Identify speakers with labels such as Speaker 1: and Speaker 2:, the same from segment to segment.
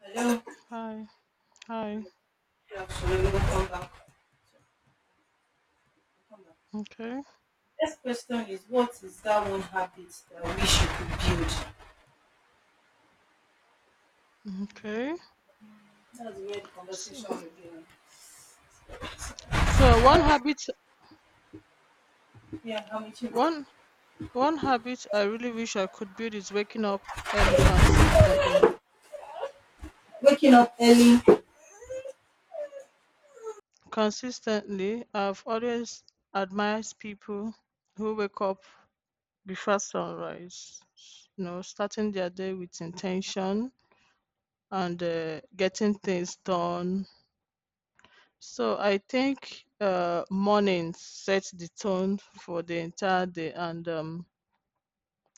Speaker 1: Hello,
Speaker 2: Hi, hi.
Speaker 1: good afternoon. Welcome back. Welcome back.
Speaker 2: Okay,
Speaker 1: Next question is what is that one habit that we should build?
Speaker 2: okay.
Speaker 1: That's where the
Speaker 2: So,
Speaker 1: conversation will be.
Speaker 2: so
Speaker 1: Yeah, how much you
Speaker 2: one one habit I really wish I could build is waking up early consistently.
Speaker 1: waking up early?
Speaker 2: Consistently, I've always admired people who wake up before sunrise. You know, starting their day with intention and getting things done. So I think morning sets the tone for the entire day. and um,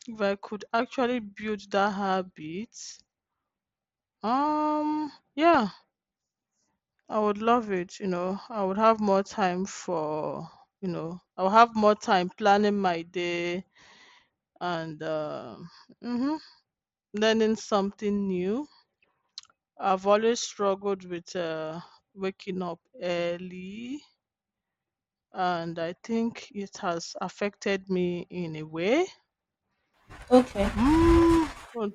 Speaker 2: If I could actually build that habit, yeah, I would love it. You know, I would have more time for, you know, I'll have more time planning my day and mhm, learning something new. I've always struggled with waking up early, and I think it has affected me in a way.
Speaker 1: Okay.
Speaker 2: Mm, but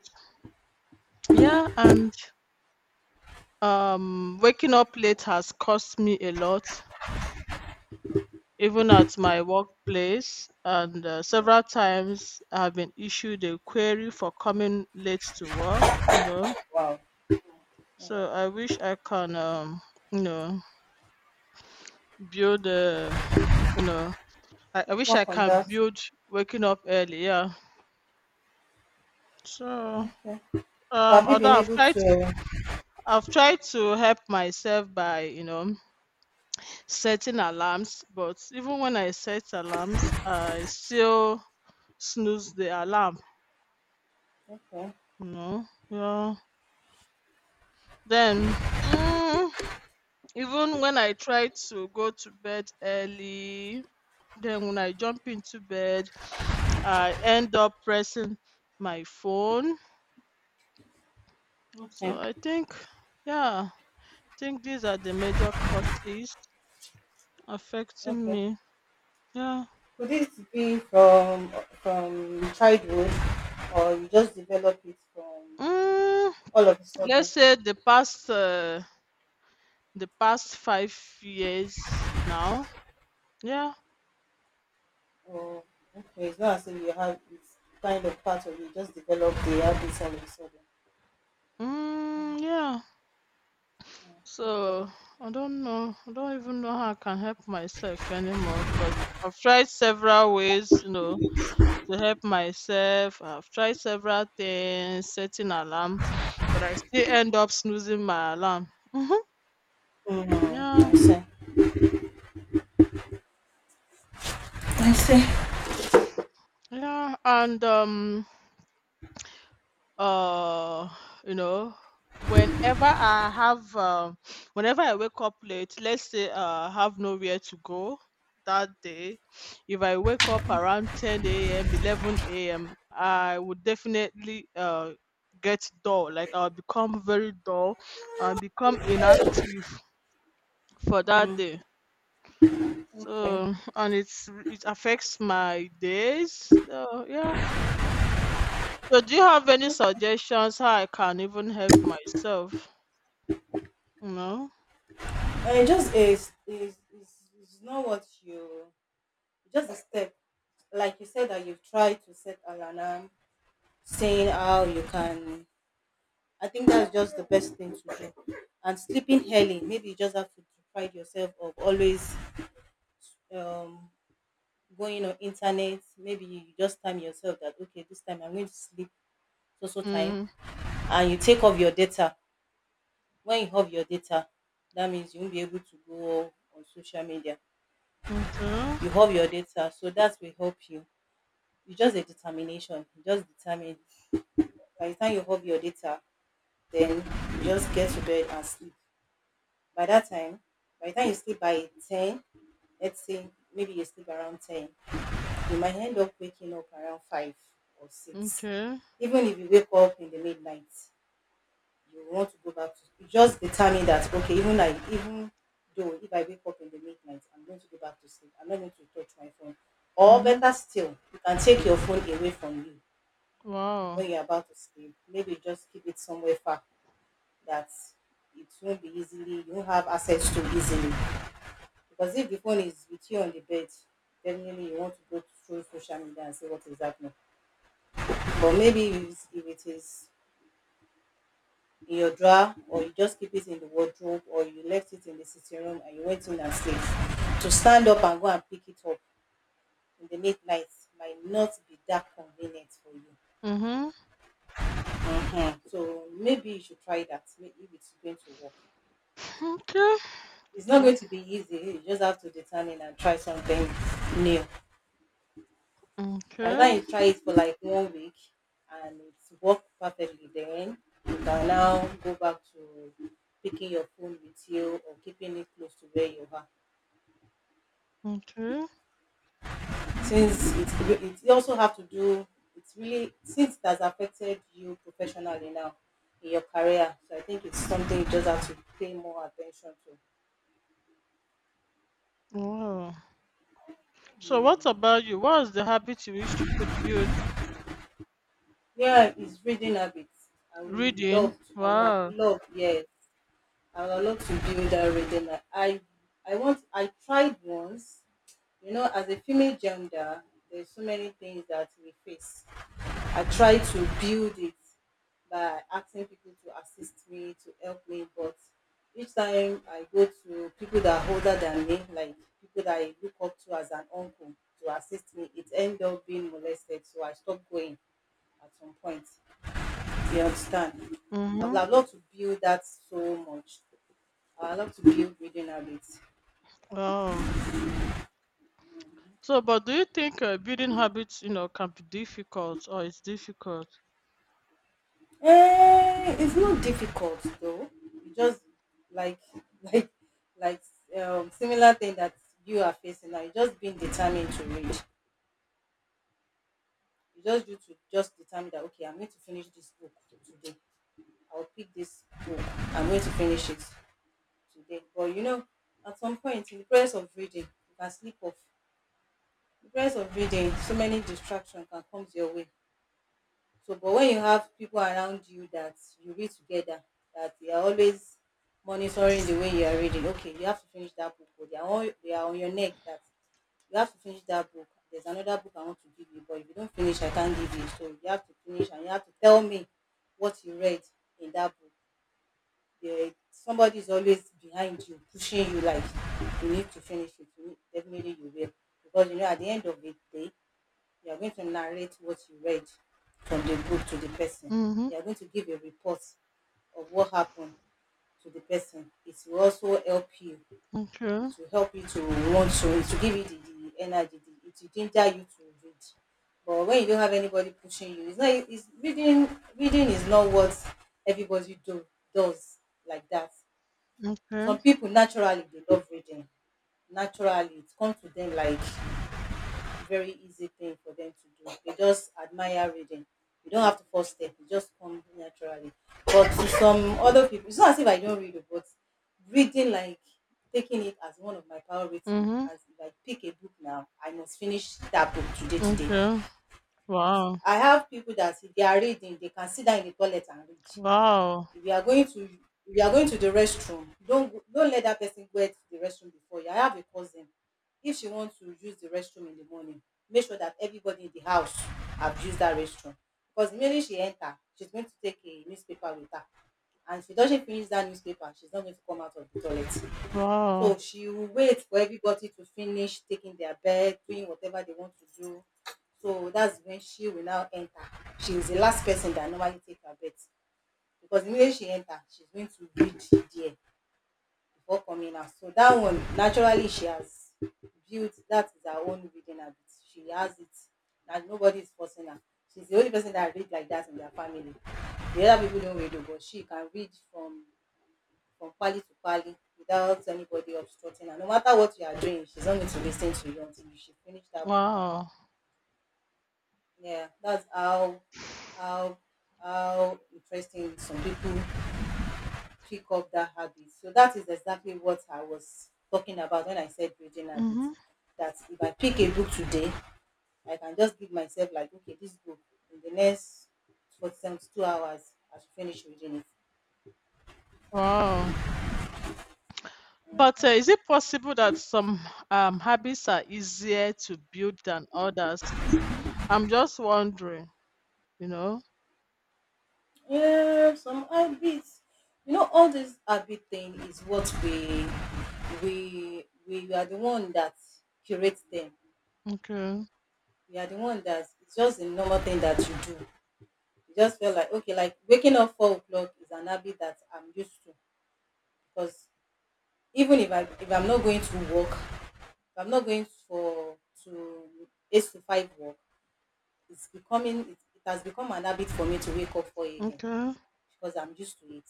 Speaker 2: yeah, and waking up late has cost me a lot, even at my workplace, and several
Speaker 1: Wow.
Speaker 2: times I've been issued a query for coming late to work.
Speaker 1: Wow.
Speaker 2: So I wish I can, you know, build a, you know, I wish I
Speaker 1: Work on
Speaker 2: can
Speaker 1: that.
Speaker 2: build waking up early, yeah. So,
Speaker 1: Okay. So have you
Speaker 2: although
Speaker 1: been
Speaker 2: I've
Speaker 1: able
Speaker 2: tried to,
Speaker 1: to
Speaker 2: I've tried to help myself by, setting alarms, but even when I set alarms, I still snooze the alarm.
Speaker 1: okay.
Speaker 2: Yeah. Then mm, even when I try to go to bed early, then when I jump into bed, I end up pressing my phone. So
Speaker 1: Okay.
Speaker 2: I think, yeah, I think these are the major causes affecting
Speaker 1: Okay.
Speaker 2: me. Yeah.
Speaker 1: Could this be from childhood, or you just develop it from
Speaker 2: mm,
Speaker 1: all of a
Speaker 2: let's
Speaker 1: sudden?
Speaker 2: say the past 5 years now. Yeah.
Speaker 1: Oh, okay. It's not as if you have, it's kind of part of you. Just develop the habits all of a sudden.
Speaker 2: Mm, yeah.
Speaker 1: Okay.
Speaker 2: So I don't know. I don't even know how I can help myself anymore, because I've tried several ways, to help myself. I've tried several things, setting alarm, but I still end up snoozing my alarm. Hmm.
Speaker 1: I
Speaker 2: Yeah,
Speaker 1: see. I see.
Speaker 2: yeah, and uh you know whenever I have whenever I wake up late, let's say I have nowhere to go that day. If I wake up around 10 a.m. 11 a.m., I would definitely get dull, like I'll become very dull, I'll become inactive for that day,
Speaker 1: Okay.
Speaker 2: so and it affects my days, so yeah. So do you have any suggestions how I can even help myself? No?
Speaker 1: And it just is not what you, just a step. Like you said that you've tried to set an alarm, saying how you can, I think that's just the best thing to do. And sleeping early, maybe you just have to deprive yourself of always um going on internet. Maybe you just time yourself that okay, this time I'm going to sleep, so time,
Speaker 2: Mm,
Speaker 1: and you take off your data. When you have your data, that means you won't be able to go on social media.
Speaker 2: okay,
Speaker 1: You have your data, so that will help you. You just a determination, you just determine. By the time you have your data, then you just get to bed and sleep. By that time, by the time you sleep by 10, let's say, maybe you sleep around 10, you might end up waking up around 5 or 6.
Speaker 2: okay.
Speaker 1: Even if you wake up in the midnight, you want to go back to. You just determine that okay, even though, if I wake up in the midnight, I'm going to go back to sleep. I'm not going to touch my phone. Or
Speaker 2: Mhm.
Speaker 1: better still, you can take your phone away from you
Speaker 2: Wow.
Speaker 1: when you're about to sleep. Maybe just keep it somewhere far, that it won't be easily, you won't have access to easily. Because if the phone is with you on the bed, definitely you want to go through social media and see what is happening. But maybe if it is in your drawer, or you just keep it in the wardrobe, or you left it in the sitting room and you went in and slept. To stand up and go and pick it up in the late night might not be that convenient for you.
Speaker 2: Mhm.
Speaker 1: Mhm. So maybe you should try that. Maybe if it's going to work.
Speaker 2: Okay.
Speaker 1: It's not going
Speaker 2: Wow.
Speaker 1: to be easy. You just have to determine and try something new. By the
Speaker 2: Okay.
Speaker 1: time you try it for like one week and it's worked perfectly, then you can now go back to picking your phone with you or keeping it close to where you are.
Speaker 2: Okay.
Speaker 1: Since it, you also have to do, it's really, since it has affected you professionally now in your career, so I think it's something you just have to pay more attention to.
Speaker 2: Wow. So what about you? What is the habit you wish you could build?
Speaker 1: Yeah, it's reading habits. I would
Speaker 2: Reading.
Speaker 1: love to, I would have
Speaker 2: Wow.
Speaker 1: loved, yes, I would have loved to build that reading I tried once. As a female gender, there's so many things that we face. I try to build it by asking people to assist me, to help me, but each time I go to people that are older than me, like people that I look up to as an uncle to assist me, it end up being molested. So I stopped going at some point. You understand? I would
Speaker 2: Mhm.
Speaker 1: have loved to build that so much. I would love to build reading habits.
Speaker 2: Wow. So, but do you think building habits, can be difficult, or it's difficult?
Speaker 1: Eh, it's not difficult though. You just like like like similar thing that you are facing now. You just being determined to read. You just need to just determine that okay, I'm going to finish this book today. I'll pick this book. I'm going to finish it today. But at some point in the process of reading, you can slip off. The process of reading, so many distractions can come your way. So, but when you have people around you that you read together, that they are always monitoring the way you are reading. Okay, you have to finish that book. Or they are on your neck that you have to finish that book. There's another book I want to give you, but if you don't finish, I can't give you. So you have to finish, and you have to tell me what you read in that book. There, somebody is always behind you, pushing you like you need to finish it. Definitely you will, because at the end of the day, you are going to narrate what you read from the book to the person.
Speaker 2: Mhm.
Speaker 1: You are going to give a report of what happened to the person. It will also help you.
Speaker 2: Okay.
Speaker 1: It will help you to want to, it will give you the, energy, it will ginger you to read. But when you don't have anybody pushing you, it's not, it's reading reading is not what everybody do does like that. Some
Speaker 2: Okay.
Speaker 1: people naturally they love reading. Naturally, it comes to them like very easy thing for them to do. They just admire reading. You don't have to force it; it just comes naturally. But to some other people, it's not as if I don't read, oh, but reading, like taking it as one of my priority.
Speaker 2: Mhm.
Speaker 1: As if I pick a book now, I must finish that book today. Today,
Speaker 2: Okay. Wow.
Speaker 1: I have people that if they are reading, they can sit down in the toilet and read.
Speaker 2: Wow.
Speaker 1: If you are going to If you are going to the restroom, don't let that person go to the restroom before you. I have a cousin, if she wants to use the restroom in the morning, make sure that everybody in the house have used that restroom. Because merely she enter, she's going to take a newspaper with her, and if she doesn't finish that newspaper, she's not going to come out of the toilet.
Speaker 2: Wow.
Speaker 1: So she will wait for everybody to finish taking their bed, doing whatever they want to do. So that's when she will now enter. She is the last person that normally take her bed, because the minute she enter, she's going to read there before coming out. So that one, naturally she has built, that is her own reading habit. She has it, and nobody is forcing her. She's the only person that read like that in their family. The other people don't read, oh, but she can read from pali to pali without anybody obstructing her. No matter what you are doing, she's not going to listen to you until she finish that book.
Speaker 2: Wow.
Speaker 1: Yeah, that's how how interesting some people pick up that habit. So that is exactly what I was talking about when I said reading habits.
Speaker 2: Mhm.
Speaker 1: That if I pick a book today, I can just give myself like, okay, this book in the next 47 to 2 hours, I should finish reading it.
Speaker 2: Wow. But, is it possible that some, habits are easier to build than others? I'm just wondering, you know?
Speaker 1: Yeah, some habits. All this habit thing is what we are the one that curates them.
Speaker 2: Okay,
Speaker 1: We are the one that, it's just a normal thing that you do. You just feel like okay, like waking up 4 o'clock is an habit that I'm used to. Because even if I'm not going to work, if I'm not going for to 8 to 5 work, it's becoming, it has become an habit for me to wake up 4 a.m.
Speaker 2: okay,
Speaker 1: because I'm used to it.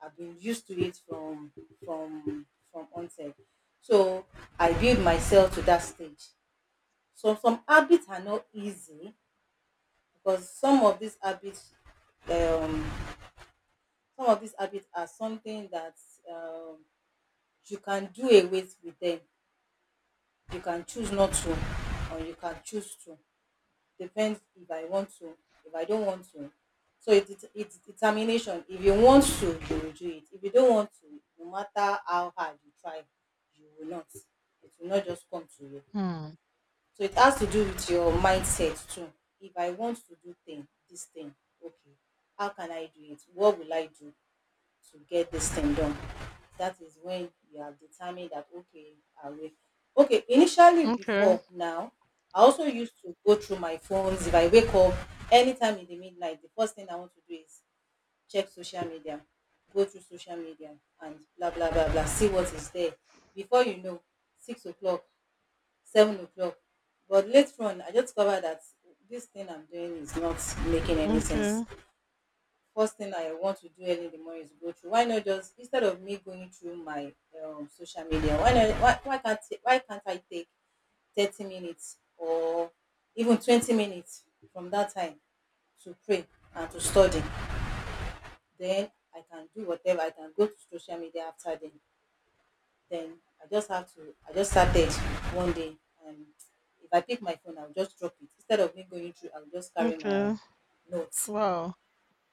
Speaker 1: I've been used to it from from onset. So I build myself to that stage. So some habits are not easy, because um some of these habits are something that, um, you can do away with them. You can choose not to, or you can choose to. Depends if I want to, if I don't want to. So it's determination. If you want to, you will do it. If you don't want to, no matter how hard you try, you will not it will not just come to you.
Speaker 2: hmm,
Speaker 1: So it has to do with your mindset too. If I want to do thing this thing, okay, how can I do it? What will I do to get this thing done? That is when you have determined that okay, I will. Okay, initially
Speaker 2: okay,
Speaker 1: before now, I also used to go through my phones. If I wake up anytime in the midnight, the first thing I want to do is check social media, go through social media and blah blah blah blah, see what is there. Before you know, 6 o'clock, 7 o'clock. But later on, I just discovered that this thing I'm doing is not making any
Speaker 2: okay,
Speaker 1: sense. First thing I want to do early in the morning is go through. Why not? Just instead of me going through my social media, why not? Why can't I take 30 minutes or even 20 minutes from that time to pray and to study? Then I can do whatever. I can go to social media after then. Then I just have to. I just started one day, and if I pick my phone, I'll just drop it. Instead of me going through, I'll just carry my
Speaker 2: okay,
Speaker 1: notes
Speaker 2: wow,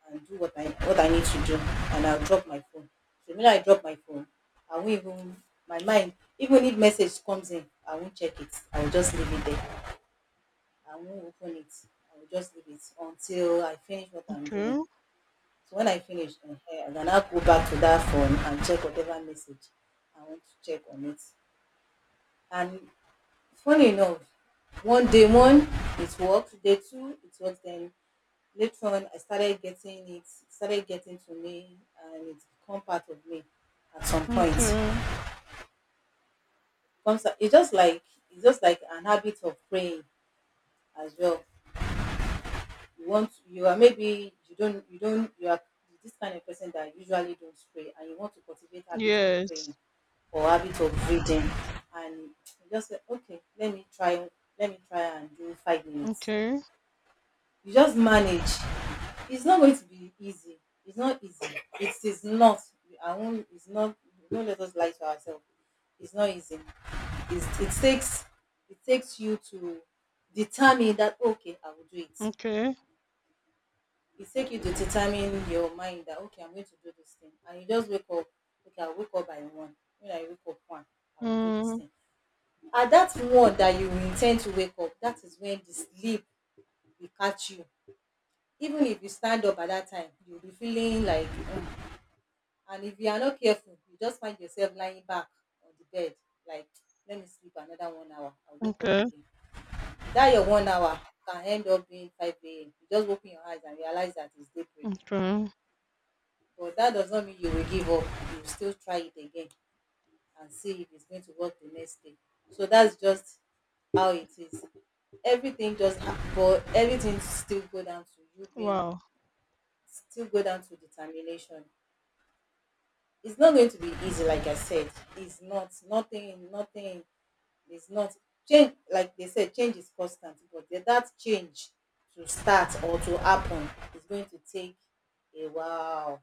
Speaker 1: and do what I need to do, and I'll drop my phone. So when I drop my phone, I won't even my mind. Even if message comes in, I won't check it. I will just leave it there. I won't open it. I will just leave it until I finish what I'm doing.
Speaker 2: okay,
Speaker 1: So when I finish, I can now go back to that phone and check whatever message I want to check on it. And funny enough, one day one, it works. Day two it work, then later on I started getting it, started getting to me, and it's become part of me at some point.
Speaker 2: okay,
Speaker 1: It's just like, it's just like an habit of praying as well. You want, you are, maybe you don't you are this kind of person that usually don't pray, and you want to cultivate habit of
Speaker 2: yes,
Speaker 1: praying or habit of reading, and you just say, okay, let me try, let me try and do 5 minutes.
Speaker 2: okay,
Speaker 1: You just manage. It's not going to be easy. It's not easy. It is not. I won't. It's not. Don't let us lie to ourselves. It's not easy. It's, it takes. It takes you to determine that, okay, I will do it.
Speaker 2: okay,
Speaker 1: It takes you to determine your mind that, okay, I'm going to do this thing, and you just wake up. Okay, I will wake up by one. When I wake up one, I will do this
Speaker 2: mm,
Speaker 1: thing. At that one that you intend to wake up, that is when the sleep will catch you. Even if you stand up at that time, you'll be feeling like, oh. And if you are not careful, you just find yourself lying back on the bed, like, let me sleep another one hour. I'll wake up
Speaker 2: okay,
Speaker 1: again. That your one hour can end up being 5 a.m. You just open your eyes and realize that it's daybreak.
Speaker 2: okay,
Speaker 1: But that does not mean you will give up. You still try it again and see if it's going to work the next day. So that's just how it is. But everything still go down to you being,
Speaker 2: wow,
Speaker 1: still go down to determination. It's not going to be easy, like I said. It's not, nothing, nothing. It's not change. Like they said, change is constant, but that change to start or to happen is going to take a while.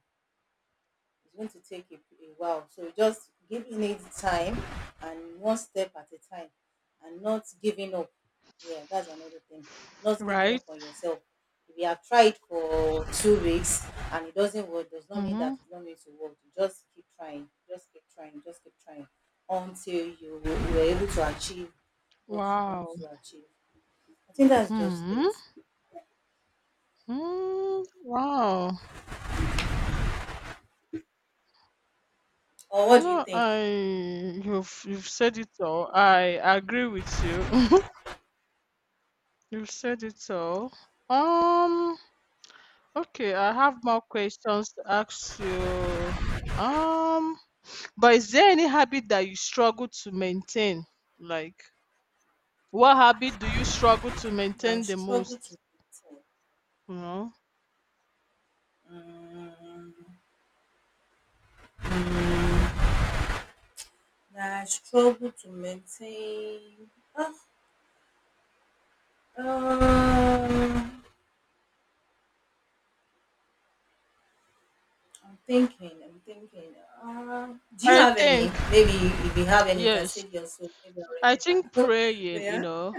Speaker 1: It's going to take a while. So just giving it time and one step at a time, and not giving up. Yeah, that's another thing. Not giving
Speaker 2: right?
Speaker 1: up on yourself. If you have tried for 2 weeks and it doesn't work, does not mean
Speaker 2: Mm-hmm.
Speaker 1: that it's not going to work. Just keep trying, just keep trying, just keep trying until you are able to achieve what you want
Speaker 2: Wow.
Speaker 1: to achieve. I think that's just it.
Speaker 2: Hmm. Mm, wow.
Speaker 1: Or what do you
Speaker 2: No,
Speaker 1: think?
Speaker 2: I you've said it all. I agree with you. You've said it all. Um, okay, I have more questions to ask you. Um, but is there any habit that you struggle to maintain? Like, what habit do you struggle to
Speaker 1: I
Speaker 2: maintain the
Speaker 1: struggle
Speaker 2: most?
Speaker 1: to.
Speaker 2: You know,
Speaker 1: Mm, mm, that I struggle to maintain. Uh, um, I'm thinking, I'm thinking. Do you
Speaker 2: I
Speaker 1: have any?
Speaker 2: think,
Speaker 1: Maybe if you have any, you can
Speaker 2: yes.
Speaker 1: say yours. So maybe I'll
Speaker 2: I think
Speaker 1: remember.
Speaker 2: praying, you
Speaker 1: Yeah.
Speaker 2: know,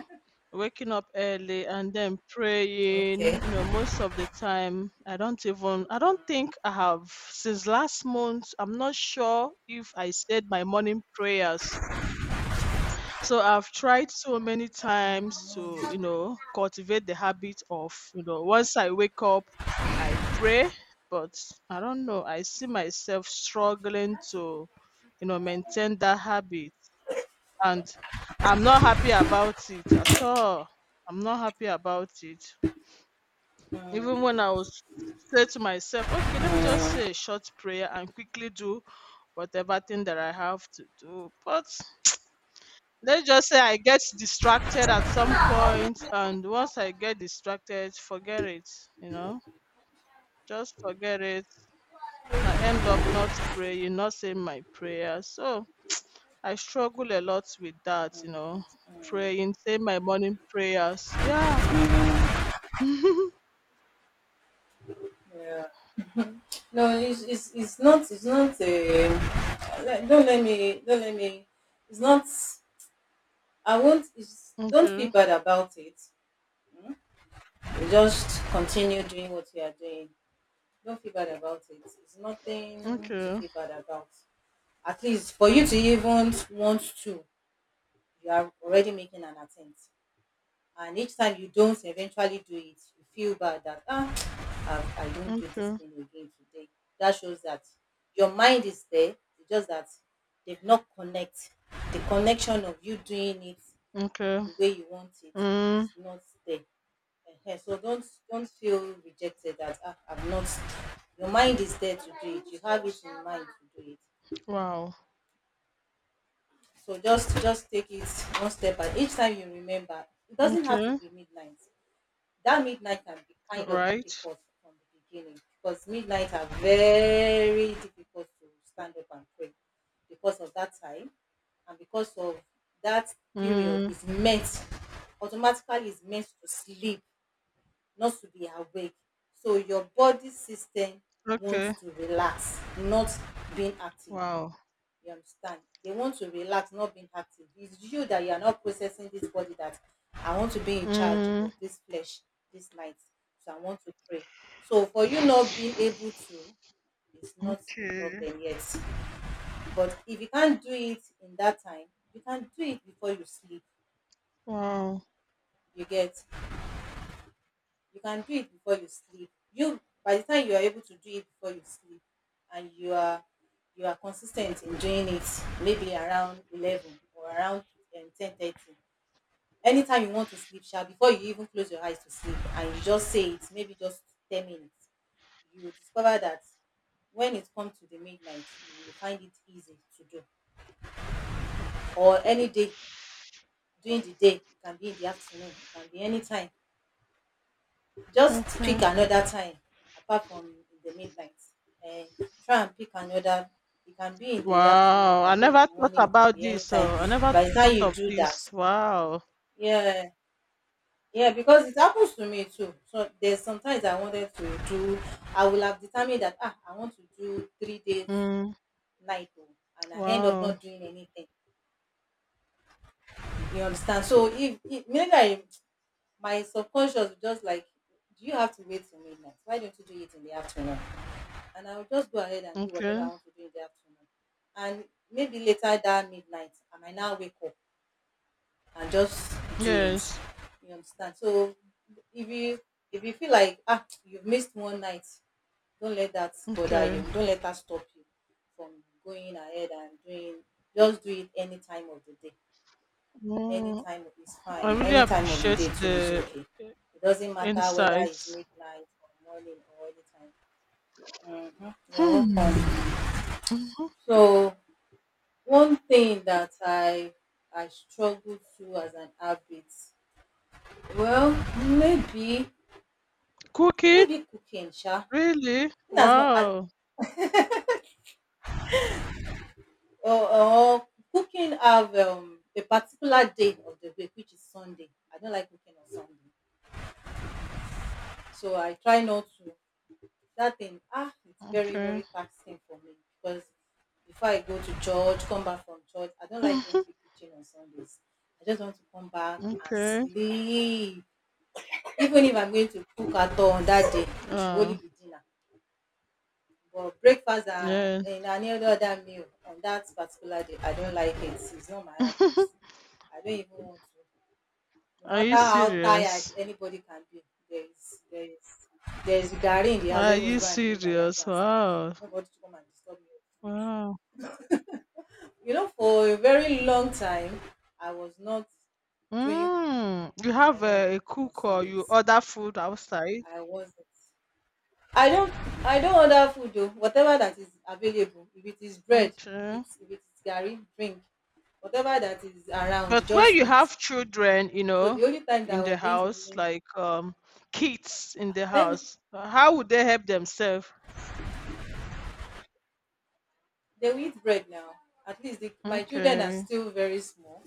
Speaker 2: waking up early and then praying,
Speaker 1: Okay.
Speaker 2: most of the time, I don't even, I don't think I have, since last month, I'm not sure if I said my morning prayers. So I've tried so many times to, cultivate the habit of, once I wake up, I pray, but I don't know, I see myself struggling to, maintain that habit, and I'm not happy about it at all. I'm not happy about it. Even when I was say to myself, okay, let me just
Speaker 1: Yeah.
Speaker 2: say a short prayer and quickly do whatever thing that I have to do. But let's just say I get distracted at some point, and once I get distracted, forget it. You know, just forget it. I end up not praying, not saying my prayer. So I struggle a lot with that, praying, say my morning prayers. Yeah.
Speaker 1: No, it's not, it's not a don't let me it's not I won't it's, don't feel
Speaker 2: Okay.
Speaker 1: bad about it. You just continue doing what you are doing. Don't feel bad about it. It's nothing to
Speaker 2: Okay.
Speaker 1: feel bad about. At least for you to even want to, you are already making an attempt, and each time you don't eventually do it, you feel bad that, ah, I don't do this
Speaker 2: Okay.
Speaker 1: thing again today. That shows that your mind is there. It's just that they've not connect, the connection of you doing it
Speaker 2: Okay.
Speaker 1: the way you want it
Speaker 2: Mm.
Speaker 1: is not there. Ehen, so don't feel rejected that, ah, I've not, your mind is there to do it. You have it in mind to do it.
Speaker 2: Wow.
Speaker 1: So just take it one step, and each time you remember, it doesn't have to
Speaker 2: Okay.
Speaker 1: be midnight. That midnight can be kind of
Speaker 2: Right.
Speaker 1: difficult from the beginning, because midnight are very difficult to stand up and pray, because of that time and because of that period
Speaker 2: Mm.
Speaker 1: is meant, automatically is meant to sleep, not to be awake. So your body system
Speaker 2: Okay.
Speaker 1: wants to relax, not being active.
Speaker 2: Wow.
Speaker 1: You understand? They want to relax, not being active. It's you that you are not processing this body that I want to be in charge
Speaker 2: Mm.
Speaker 1: of this flesh this night. So I want to pray. So for you not being able to, it's not a
Speaker 2: Okay.
Speaker 1: problem yet. But if you can't do it in that time, you can do it before you sleep.
Speaker 2: Wow.
Speaker 1: You get, you can do it before you sleep. You, by the time you are able to do it before you sleep, and you are, you are consistent in doing it, maybe around 11 or around 10:30, anytime you want to sleep sha, before you even close your eyes to sleep, and you just say it maybe just 10 minutes, you will discover that when it comes to the midnight you will find it easy to do. Or any day during the day, it can be in the afternoon, it can be anytime. Just
Speaker 2: Okay.
Speaker 1: pick another time apart from in the midnight. And try and pick another. It can be in the afternoon, it
Speaker 2: Wow. I
Speaker 1: can be in
Speaker 2: never
Speaker 1: the
Speaker 2: thought
Speaker 1: morning, it can
Speaker 2: about
Speaker 1: be
Speaker 2: this.
Speaker 1: anytime.
Speaker 2: So I never
Speaker 1: By the time
Speaker 2: thought
Speaker 1: you
Speaker 2: of
Speaker 1: do that,
Speaker 2: this. Wow.
Speaker 1: yeah, yeah, because it happens to me too. So there's sometimes I wanted to do, I will have determined that, ah, I want to do 3 days
Speaker 2: Mm.
Speaker 1: night o, and I end up
Speaker 2: Wow.
Speaker 1: not doing anything. You understand? So if maybe I, my subconscious will just like, do you have to wait till midnight? Why don't you do it in the afternoon? And I'll just go ahead and do whatever I
Speaker 2: Okay.
Speaker 1: want to do in the afternoon. And maybe later that midnight, I might now wake up and just do it.
Speaker 2: Yes.
Speaker 1: You understand? So if you, if you feel like, ah, you've missed one night, don't let that bother
Speaker 2: Okay.
Speaker 1: you. Don't let that stop you from going ahead and doing. Just do it any time of the day. Any
Speaker 2: Mm.
Speaker 1: time is fine.
Speaker 2: I really
Speaker 1: Any time of the
Speaker 2: appreciate
Speaker 1: day too is
Speaker 2: the
Speaker 1: okay. It doesn't matter whether it's
Speaker 2: insights.
Speaker 1: midnight or morning or any time. Mm-hmm. You're
Speaker 2: Hmm.
Speaker 1: welcome.
Speaker 2: hmm
Speaker 1: So one thing that I struggle to as an habit, well, maybe,
Speaker 2: Cooking?
Speaker 1: maybe cooking, sha.
Speaker 2: Really?
Speaker 1: In as much as,
Speaker 2: Wow.
Speaker 1: or cooking have a particular day of the week, which is Sunday. I don't like cooking on Sunday, so I try not to. That thing, ah, it's very
Speaker 2: Okay.
Speaker 1: very taxing for me, because before I go to church, come back from church, I don't like
Speaker 2: Mhm.
Speaker 1: entry kitchen on Sundays. I just want to come back and
Speaker 2: Okay.
Speaker 1: sleep. Even if I'm going to cook at all on that day, it should only
Speaker 2: Oh,
Speaker 1: be dinner. But breakfast
Speaker 2: yeah.
Speaker 1: and any other other meal on that particular day, I don't like it. It's not my habit. I don't even want to. No
Speaker 2: Are you
Speaker 1: matter how tired
Speaker 2: serious?
Speaker 1: anybody can be, there is there is garri in the house.
Speaker 2: Are you
Speaker 1: Everyone go and drink garri and go
Speaker 2: serious?
Speaker 1: and sleep.
Speaker 2: Wow.
Speaker 1: Nobody to come and disturb you.
Speaker 2: Wow.
Speaker 1: You know, for a very long time, I was not doing cooking
Speaker 2: Mm. You
Speaker 1: in
Speaker 2: have
Speaker 1: my home
Speaker 2: a
Speaker 1: on
Speaker 2: cook, or you
Speaker 1: Sundays.
Speaker 2: order food outside?
Speaker 1: I wasn't. I don't I don't order food though. Whatever that is available, if it is bread,
Speaker 2: Okay.
Speaker 1: eat. If it is garri, drink. Whatever that is around,
Speaker 2: But when
Speaker 1: just
Speaker 2: you
Speaker 1: eat.
Speaker 2: have children,
Speaker 1: So the only time that
Speaker 2: in
Speaker 1: I
Speaker 2: the
Speaker 1: was going
Speaker 2: house,
Speaker 1: to,
Speaker 2: like kids in
Speaker 1: ah,
Speaker 2: the
Speaker 1: thank.
Speaker 2: house, how would they help themselves?
Speaker 1: They will eat bread now. At least my children are
Speaker 2: Okay.
Speaker 1: still very small.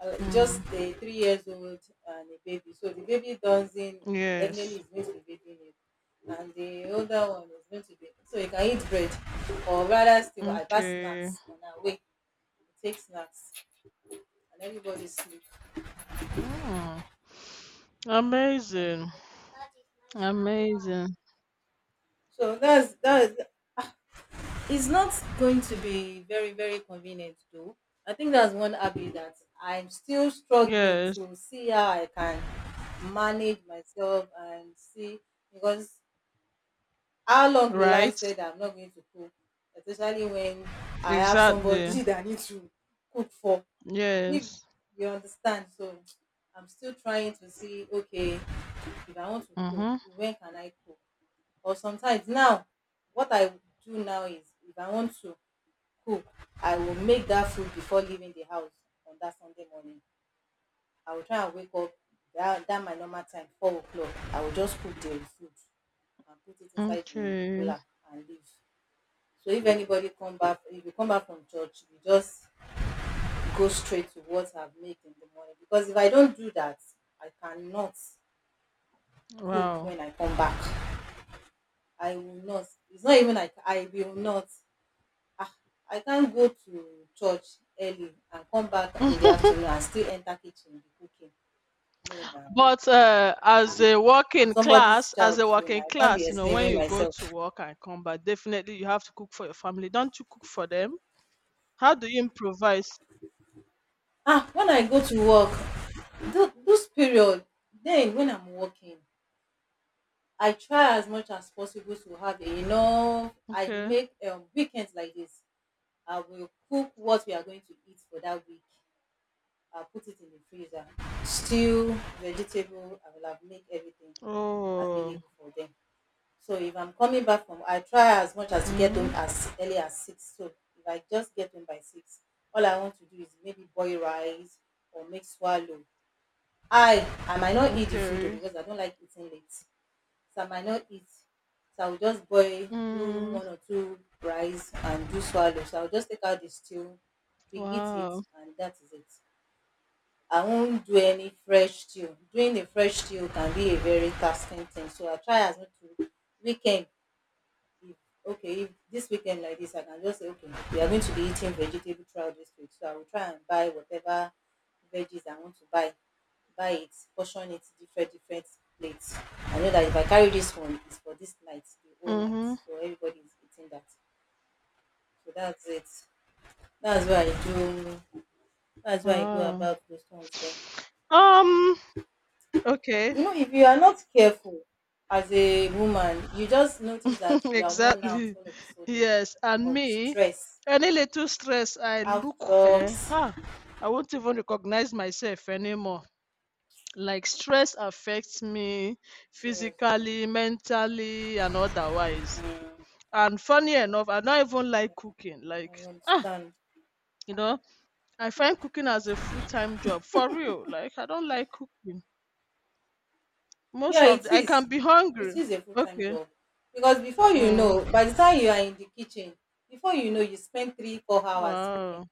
Speaker 1: Just
Speaker 2: Mm.
Speaker 1: a 3 years old and a baby. So the baby doesn't,
Speaker 2: Yes.
Speaker 1: definitely is going to be baby milk. And the older one is going to be, so you can eat bread. Or rather still, I buy
Speaker 2: Okay.
Speaker 1: snacks on our way. We take snacks and everybody sleep.
Speaker 2: Mm. Amazing. Amazing.
Speaker 1: So that's that. It's not going to be very convenient though. I think that's one habit that I'm still struggling
Speaker 2: Yes.
Speaker 1: to see how I can manage myself and see, because how long will I
Speaker 2: Right.
Speaker 1: say that I'm not going to cook, especially when I have
Speaker 2: Exactly.
Speaker 1: somebody that I need to cook for. If,
Speaker 2: Yes.
Speaker 1: you understand, so I'm still trying to see, okay, if I want to cook,
Speaker 2: Mm-hmm.
Speaker 1: when can I cook? Or sometimes now, what I do now is if I want to cook, I will make that food before leaving the house. On that Sunday morning, I will try and wake up that that my normal time, 4 o'clock. I will just cook the food and put it inside the
Speaker 2: Okay.
Speaker 1: cooler and leave. So if anybody come back, if you come back from church, you just go straight to what I've made in the morning. Because if I don't do that, I cannot cook
Speaker 2: Wow.
Speaker 1: when I come back. I will not, it's not even like I will not. Ah, I can't go to church early and come back in the afternoon and still enter kitchen be cooking. No na,
Speaker 2: But
Speaker 1: ah,
Speaker 2: as
Speaker 1: ah.
Speaker 2: a
Speaker 1: I'm
Speaker 2: working
Speaker 1: somebody's
Speaker 2: class, as
Speaker 1: child,
Speaker 2: a
Speaker 1: so na
Speaker 2: working
Speaker 1: I can't be
Speaker 2: class, when
Speaker 1: enslaving
Speaker 2: you go
Speaker 1: myself.
Speaker 2: to work and come back, definitely you have to cook for your family. Don't you cook for them? How do you improvise?
Speaker 1: When I go to work, those period. Then when I'm working, I try as much as possible to have enough. I
Speaker 2: Okay.
Speaker 1: make weekends like this. I will cook what we are going to eat for that week. I'll put it in the freezer. Stew, vegetable, I will have make everything
Speaker 2: Oh.
Speaker 1: available for them. So if I'm coming back from, I try as much as to get home
Speaker 2: Mhm.
Speaker 1: as early as six. So if I just get home by six, all I want to do is maybe boil rice or make swallow. I might not eat the food though,
Speaker 2: Okay.
Speaker 1: because I don't like eating late. So I might not eat. So I'll just boil, do
Speaker 2: Mm.
Speaker 1: one or two rice and do swallow. So I'll just take out the stew, we eat it
Speaker 2: Wow.
Speaker 1: and that is it. I won't do any fresh stew. Doing a fresh stew can be a very tasking thing. So I try as much to weekend. If, okay, if this weekend like this, I can just say, okay, we are going to be eating vegetable throughout this week. So I will try and buy whatever veggies I want to buy. Buy it, portion it different different plates. I know that if I carry this one, it's for this night, the whole night.
Speaker 2: Mhm.
Speaker 1: So everybody is eating that. So that's it. That's why I do. That's why I go
Speaker 2: Wow.
Speaker 1: about those ones then.
Speaker 2: Um. Okay.
Speaker 1: You know, if you are not careful, as a woman, you just notice that you are worn out
Speaker 2: Exactly.
Speaker 1: all of a sudden.
Speaker 2: Yes. And
Speaker 1: Of
Speaker 2: me,
Speaker 1: stress,
Speaker 2: any little stress, I
Speaker 1: out
Speaker 2: look. Eh.
Speaker 1: jobs,
Speaker 2: Ha. I won't even recognize myself anymore. Like, stress affects me
Speaker 1: seriously.
Speaker 2: physically, mentally, and otherwise.
Speaker 1: mm,
Speaker 2: And funny enough, I don't even
Speaker 1: yeah,
Speaker 2: like cooking. Like,
Speaker 1: I
Speaker 2: ah,
Speaker 1: understand.
Speaker 2: you know, I find cooking as a full time job for real. Like, I don't like cooking.
Speaker 1: Yeah, it
Speaker 2: I can
Speaker 1: is.
Speaker 2: be
Speaker 1: It
Speaker 2: hungry.
Speaker 1: is a full-time
Speaker 2: Okay.
Speaker 1: job, because before you
Speaker 2: Mm,
Speaker 1: know, by the time you are in the kitchen, before you know, you spend 3 4 hours cooking.
Speaker 2: wow.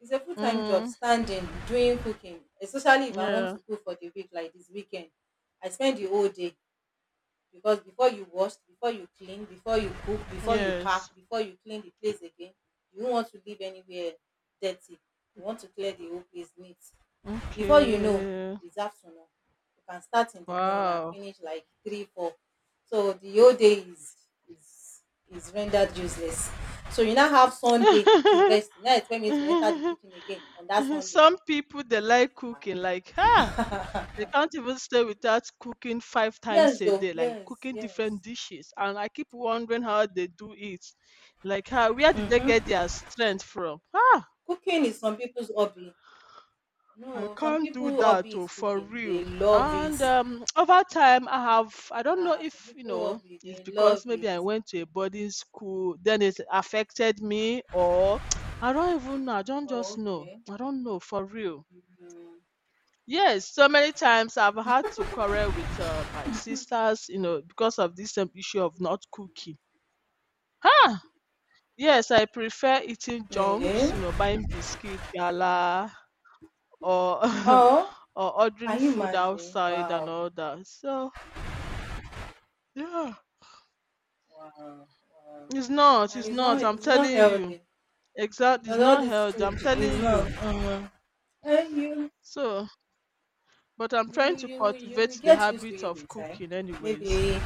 Speaker 1: It's a full-time job
Speaker 2: Mm,
Speaker 1: standing doing cooking, especially if I want
Speaker 2: yeah.
Speaker 1: to cook for the week like this weekend. I spend the whole day, because before you wash, before you clean, before you cook, before you
Speaker 2: Yes.
Speaker 1: pack, before you clean the place again. You don't want to leave anywhere dirty. You want to clear the whole place neat. Before you know,
Speaker 2: Okay.
Speaker 1: it's afternoon. You can start in the morning and
Speaker 2: Wow.
Speaker 1: finish like three four. So the whole day is is rendered useless. So you now have Sunday to rest. You now expect me to enter the kitchen again on that Sunday?
Speaker 2: Some people they like cooking, like, ah, they can't even stay without cooking 5 times
Speaker 1: Yes,
Speaker 2: a
Speaker 1: though.
Speaker 2: day, like
Speaker 1: Yes,
Speaker 2: cooking different
Speaker 1: yes.
Speaker 2: dishes, and I keep wondering how they do it. Like, how where do they get their strength from? Ah,
Speaker 1: Cooking is some people's hobby.
Speaker 2: I
Speaker 1: No, some
Speaker 2: can't do
Speaker 1: people
Speaker 2: that
Speaker 1: hobby
Speaker 2: oh,
Speaker 1: is
Speaker 2: for
Speaker 1: cooking.
Speaker 2: real.
Speaker 1: They love it.
Speaker 2: And over time, I don't know
Speaker 1: Ah, some
Speaker 2: if you
Speaker 1: people
Speaker 2: know
Speaker 1: hobby,
Speaker 2: it's
Speaker 1: they love
Speaker 2: because
Speaker 1: it.
Speaker 2: maybe I went to a boarding school, then it affected me, or I don't even know. I don't
Speaker 1: Oh,
Speaker 2: just know.
Speaker 1: okay.
Speaker 2: I don't know for real.
Speaker 1: Mm.
Speaker 2: Yes, so many times I've had to quarrel with, my sisters, because of this same issue of not cooking. Ah! Yes, I prefer eating
Speaker 1: Eh?
Speaker 2: junks, buying biscuit, gala, or
Speaker 1: Oh,
Speaker 2: or ordering
Speaker 1: can you
Speaker 2: food
Speaker 1: imagine?
Speaker 2: outside and
Speaker 1: Wow,
Speaker 2: all that. So, yeah,
Speaker 1: wow, wow. And
Speaker 2: it's
Speaker 1: it's not,
Speaker 2: not, I'm
Speaker 1: it's not
Speaker 2: telling you.
Speaker 1: healthy,
Speaker 2: Exact, it's
Speaker 1: because all
Speaker 2: not
Speaker 1: this
Speaker 2: healthy,
Speaker 1: food
Speaker 2: I'm
Speaker 1: is
Speaker 2: telling you.
Speaker 1: not. Eh, you
Speaker 2: So, but I'm
Speaker 1: you
Speaker 2: trying to
Speaker 1: you you will
Speaker 2: cultivate the
Speaker 1: get used to
Speaker 2: habit
Speaker 1: it
Speaker 2: of
Speaker 1: with time.
Speaker 2: cooking anyways.
Speaker 1: Maybe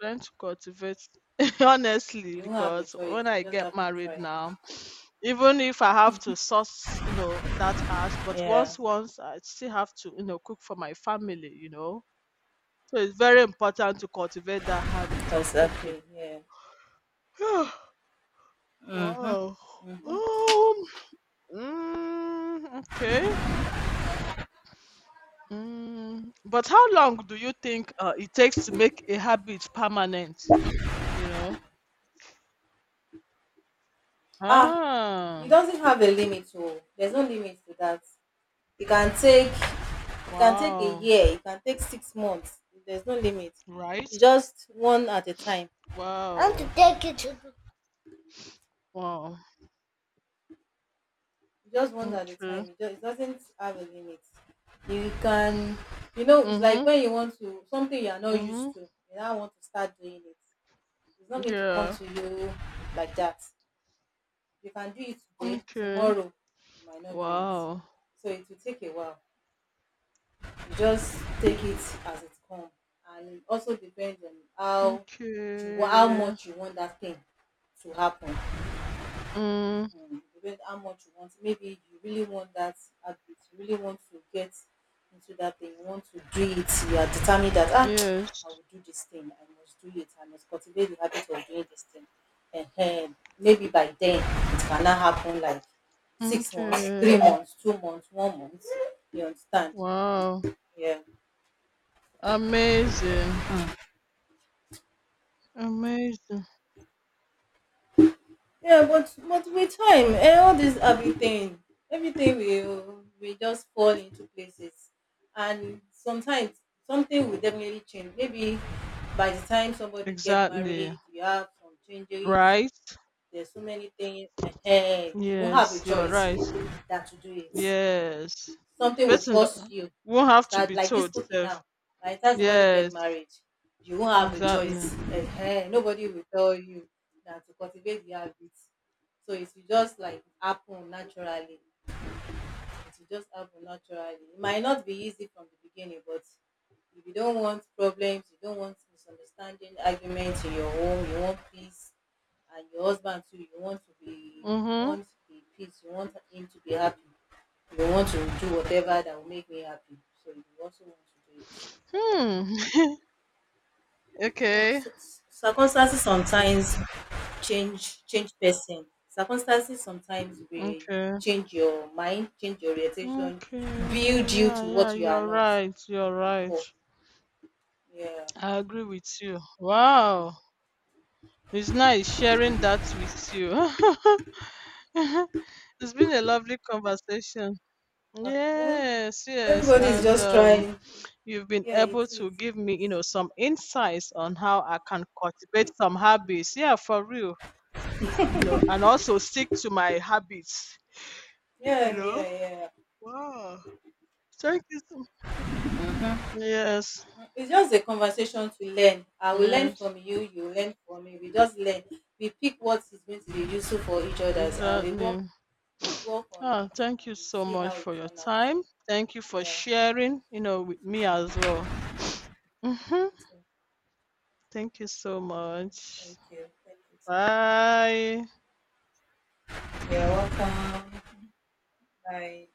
Speaker 2: Trying to cultivate honestly,
Speaker 1: you don't have a
Speaker 2: because
Speaker 1: choice.
Speaker 2: when
Speaker 1: You
Speaker 2: I
Speaker 1: just
Speaker 2: get
Speaker 1: have to
Speaker 2: married
Speaker 1: try.
Speaker 2: now, even if I have to source, that out, but
Speaker 1: Yeah,
Speaker 2: once I still have to, cook for my family. So it's very important to cultivate that habit of cooking.
Speaker 1: exactly. Yeah.
Speaker 2: Wow. Um, mm, okay. Mm, but how long do you think it takes to make a habit permanent? You know?
Speaker 1: Ah, it
Speaker 2: Ah,
Speaker 1: doesn't have a limit oh, there's no limit to that. It can take a
Speaker 2: wow.
Speaker 1: year, it can take 6 months. There's no limit. You
Speaker 2: Right?
Speaker 1: just one at a time. I want to
Speaker 2: Wow.
Speaker 1: take you to the,
Speaker 2: Wow.
Speaker 1: you just one at a
Speaker 2: Okay.
Speaker 1: time, it just, it doesn't have a limit. You can, you know, it's like
Speaker 2: Mm-hmm.
Speaker 1: when you want to something you are not
Speaker 2: Mm-hmm.
Speaker 1: used to, you now want to start doing it. It's not going to come
Speaker 2: Yeah.
Speaker 1: to you like that. You can do it today,
Speaker 2: Okay.
Speaker 1: tomorrow you might not do it.
Speaker 2: Wow.
Speaker 1: So it will take a while. Just take it as it come. And it also depends on how you how
Speaker 2: Okay.
Speaker 1: much you want that thing to happen.
Speaker 2: Mm.
Speaker 1: Um, depend how much you want. Maybe you really want that habit, you really want to get into that thing, you want to do it, you are determined that, ah,
Speaker 2: Yes.
Speaker 1: I will do this thing, I must do it, I must cultivate the habit of doing this thing. Um, maybe by then it cannot happen like 6 months, three
Speaker 2: Okay.
Speaker 1: months 2 months, one month. You understand?
Speaker 2: Wow.
Speaker 1: Yeah.
Speaker 2: Amazing. Amazing.
Speaker 1: Yeah, but with time, and all this, everything, everything will just fall into places. And sometimes something will definitely change. Maybe by the time somebody get
Speaker 2: Exactly.
Speaker 1: married, you have some changes.
Speaker 2: Right?
Speaker 1: There's so many things ahead. You won't have
Speaker 2: Yes,
Speaker 1: a
Speaker 2: you're
Speaker 1: choice
Speaker 2: right.
Speaker 1: that to do it.
Speaker 2: Yes. The
Speaker 1: Something will
Speaker 2: person
Speaker 1: force you
Speaker 2: won't
Speaker 1: to
Speaker 2: have to
Speaker 1: start
Speaker 2: be
Speaker 1: like this
Speaker 2: told
Speaker 1: cooking
Speaker 2: self.
Speaker 1: now. By the time somebody
Speaker 2: Yes.
Speaker 1: get married, you won't have a
Speaker 2: Exactly.
Speaker 1: choice. Ehen, nobody will tell you that to cultivate the habit. So it will just like happen naturally. It will just happen naturally. It might not be easy from the beginning, but if you don't want problems, you don't want misunderstanding, arguments in your home, you want peace. And your husband too, you want to be, you
Speaker 2: Mm-hmm.
Speaker 1: want the peace, you want him to be happy. You want to do whatever that will make me happy. So you also want to do it.
Speaker 2: Hmm.
Speaker 1: So,
Speaker 2: Okay.
Speaker 1: so circumstances sometimes change person. Circumstances sometimes will
Speaker 2: Okay.
Speaker 1: change your mind, change your orientation, build
Speaker 2: Okay,
Speaker 1: you
Speaker 2: yeah,
Speaker 1: to
Speaker 2: yeah,
Speaker 1: what you are
Speaker 2: you're
Speaker 1: not
Speaker 2: right, you're right.
Speaker 1: before. Yeah.
Speaker 2: I agree with you. Wow, it's nice sharing that with you. It's been a lovely conversation.
Speaker 1: Well,
Speaker 2: Yes, yes,
Speaker 1: everybody is
Speaker 2: and
Speaker 1: just trying.
Speaker 2: you've been
Speaker 1: Yeah, it
Speaker 2: able to
Speaker 1: is.
Speaker 2: give
Speaker 1: It
Speaker 2: me,
Speaker 1: is.
Speaker 2: some insights on how I can cultivate some habits. Yeah, for real, and also stick to my habits, you
Speaker 1: Yeah,
Speaker 2: know.
Speaker 1: yeah, yeah.
Speaker 2: Wow. Thank you. Yes,
Speaker 1: It's just a conversation to learn. I will learn
Speaker 2: yes,
Speaker 1: from you, you learn from me. We just learn. We pick what is going to be useful for each other's, and we
Speaker 2: exactly.
Speaker 1: work, we work on
Speaker 2: Ah,
Speaker 1: it,
Speaker 2: thank
Speaker 1: and
Speaker 2: you
Speaker 1: we
Speaker 2: so
Speaker 1: see
Speaker 2: much
Speaker 1: how it
Speaker 2: for your
Speaker 1: turns out.
Speaker 2: time. Thank you for
Speaker 1: Yeah.
Speaker 2: sharing, with me as well.
Speaker 1: Thank
Speaker 2: hmm
Speaker 1: you, too.
Speaker 2: Thank you so much.
Speaker 1: Thank you. Thank you
Speaker 2: Bye.
Speaker 1: too. You're welcome. Bye.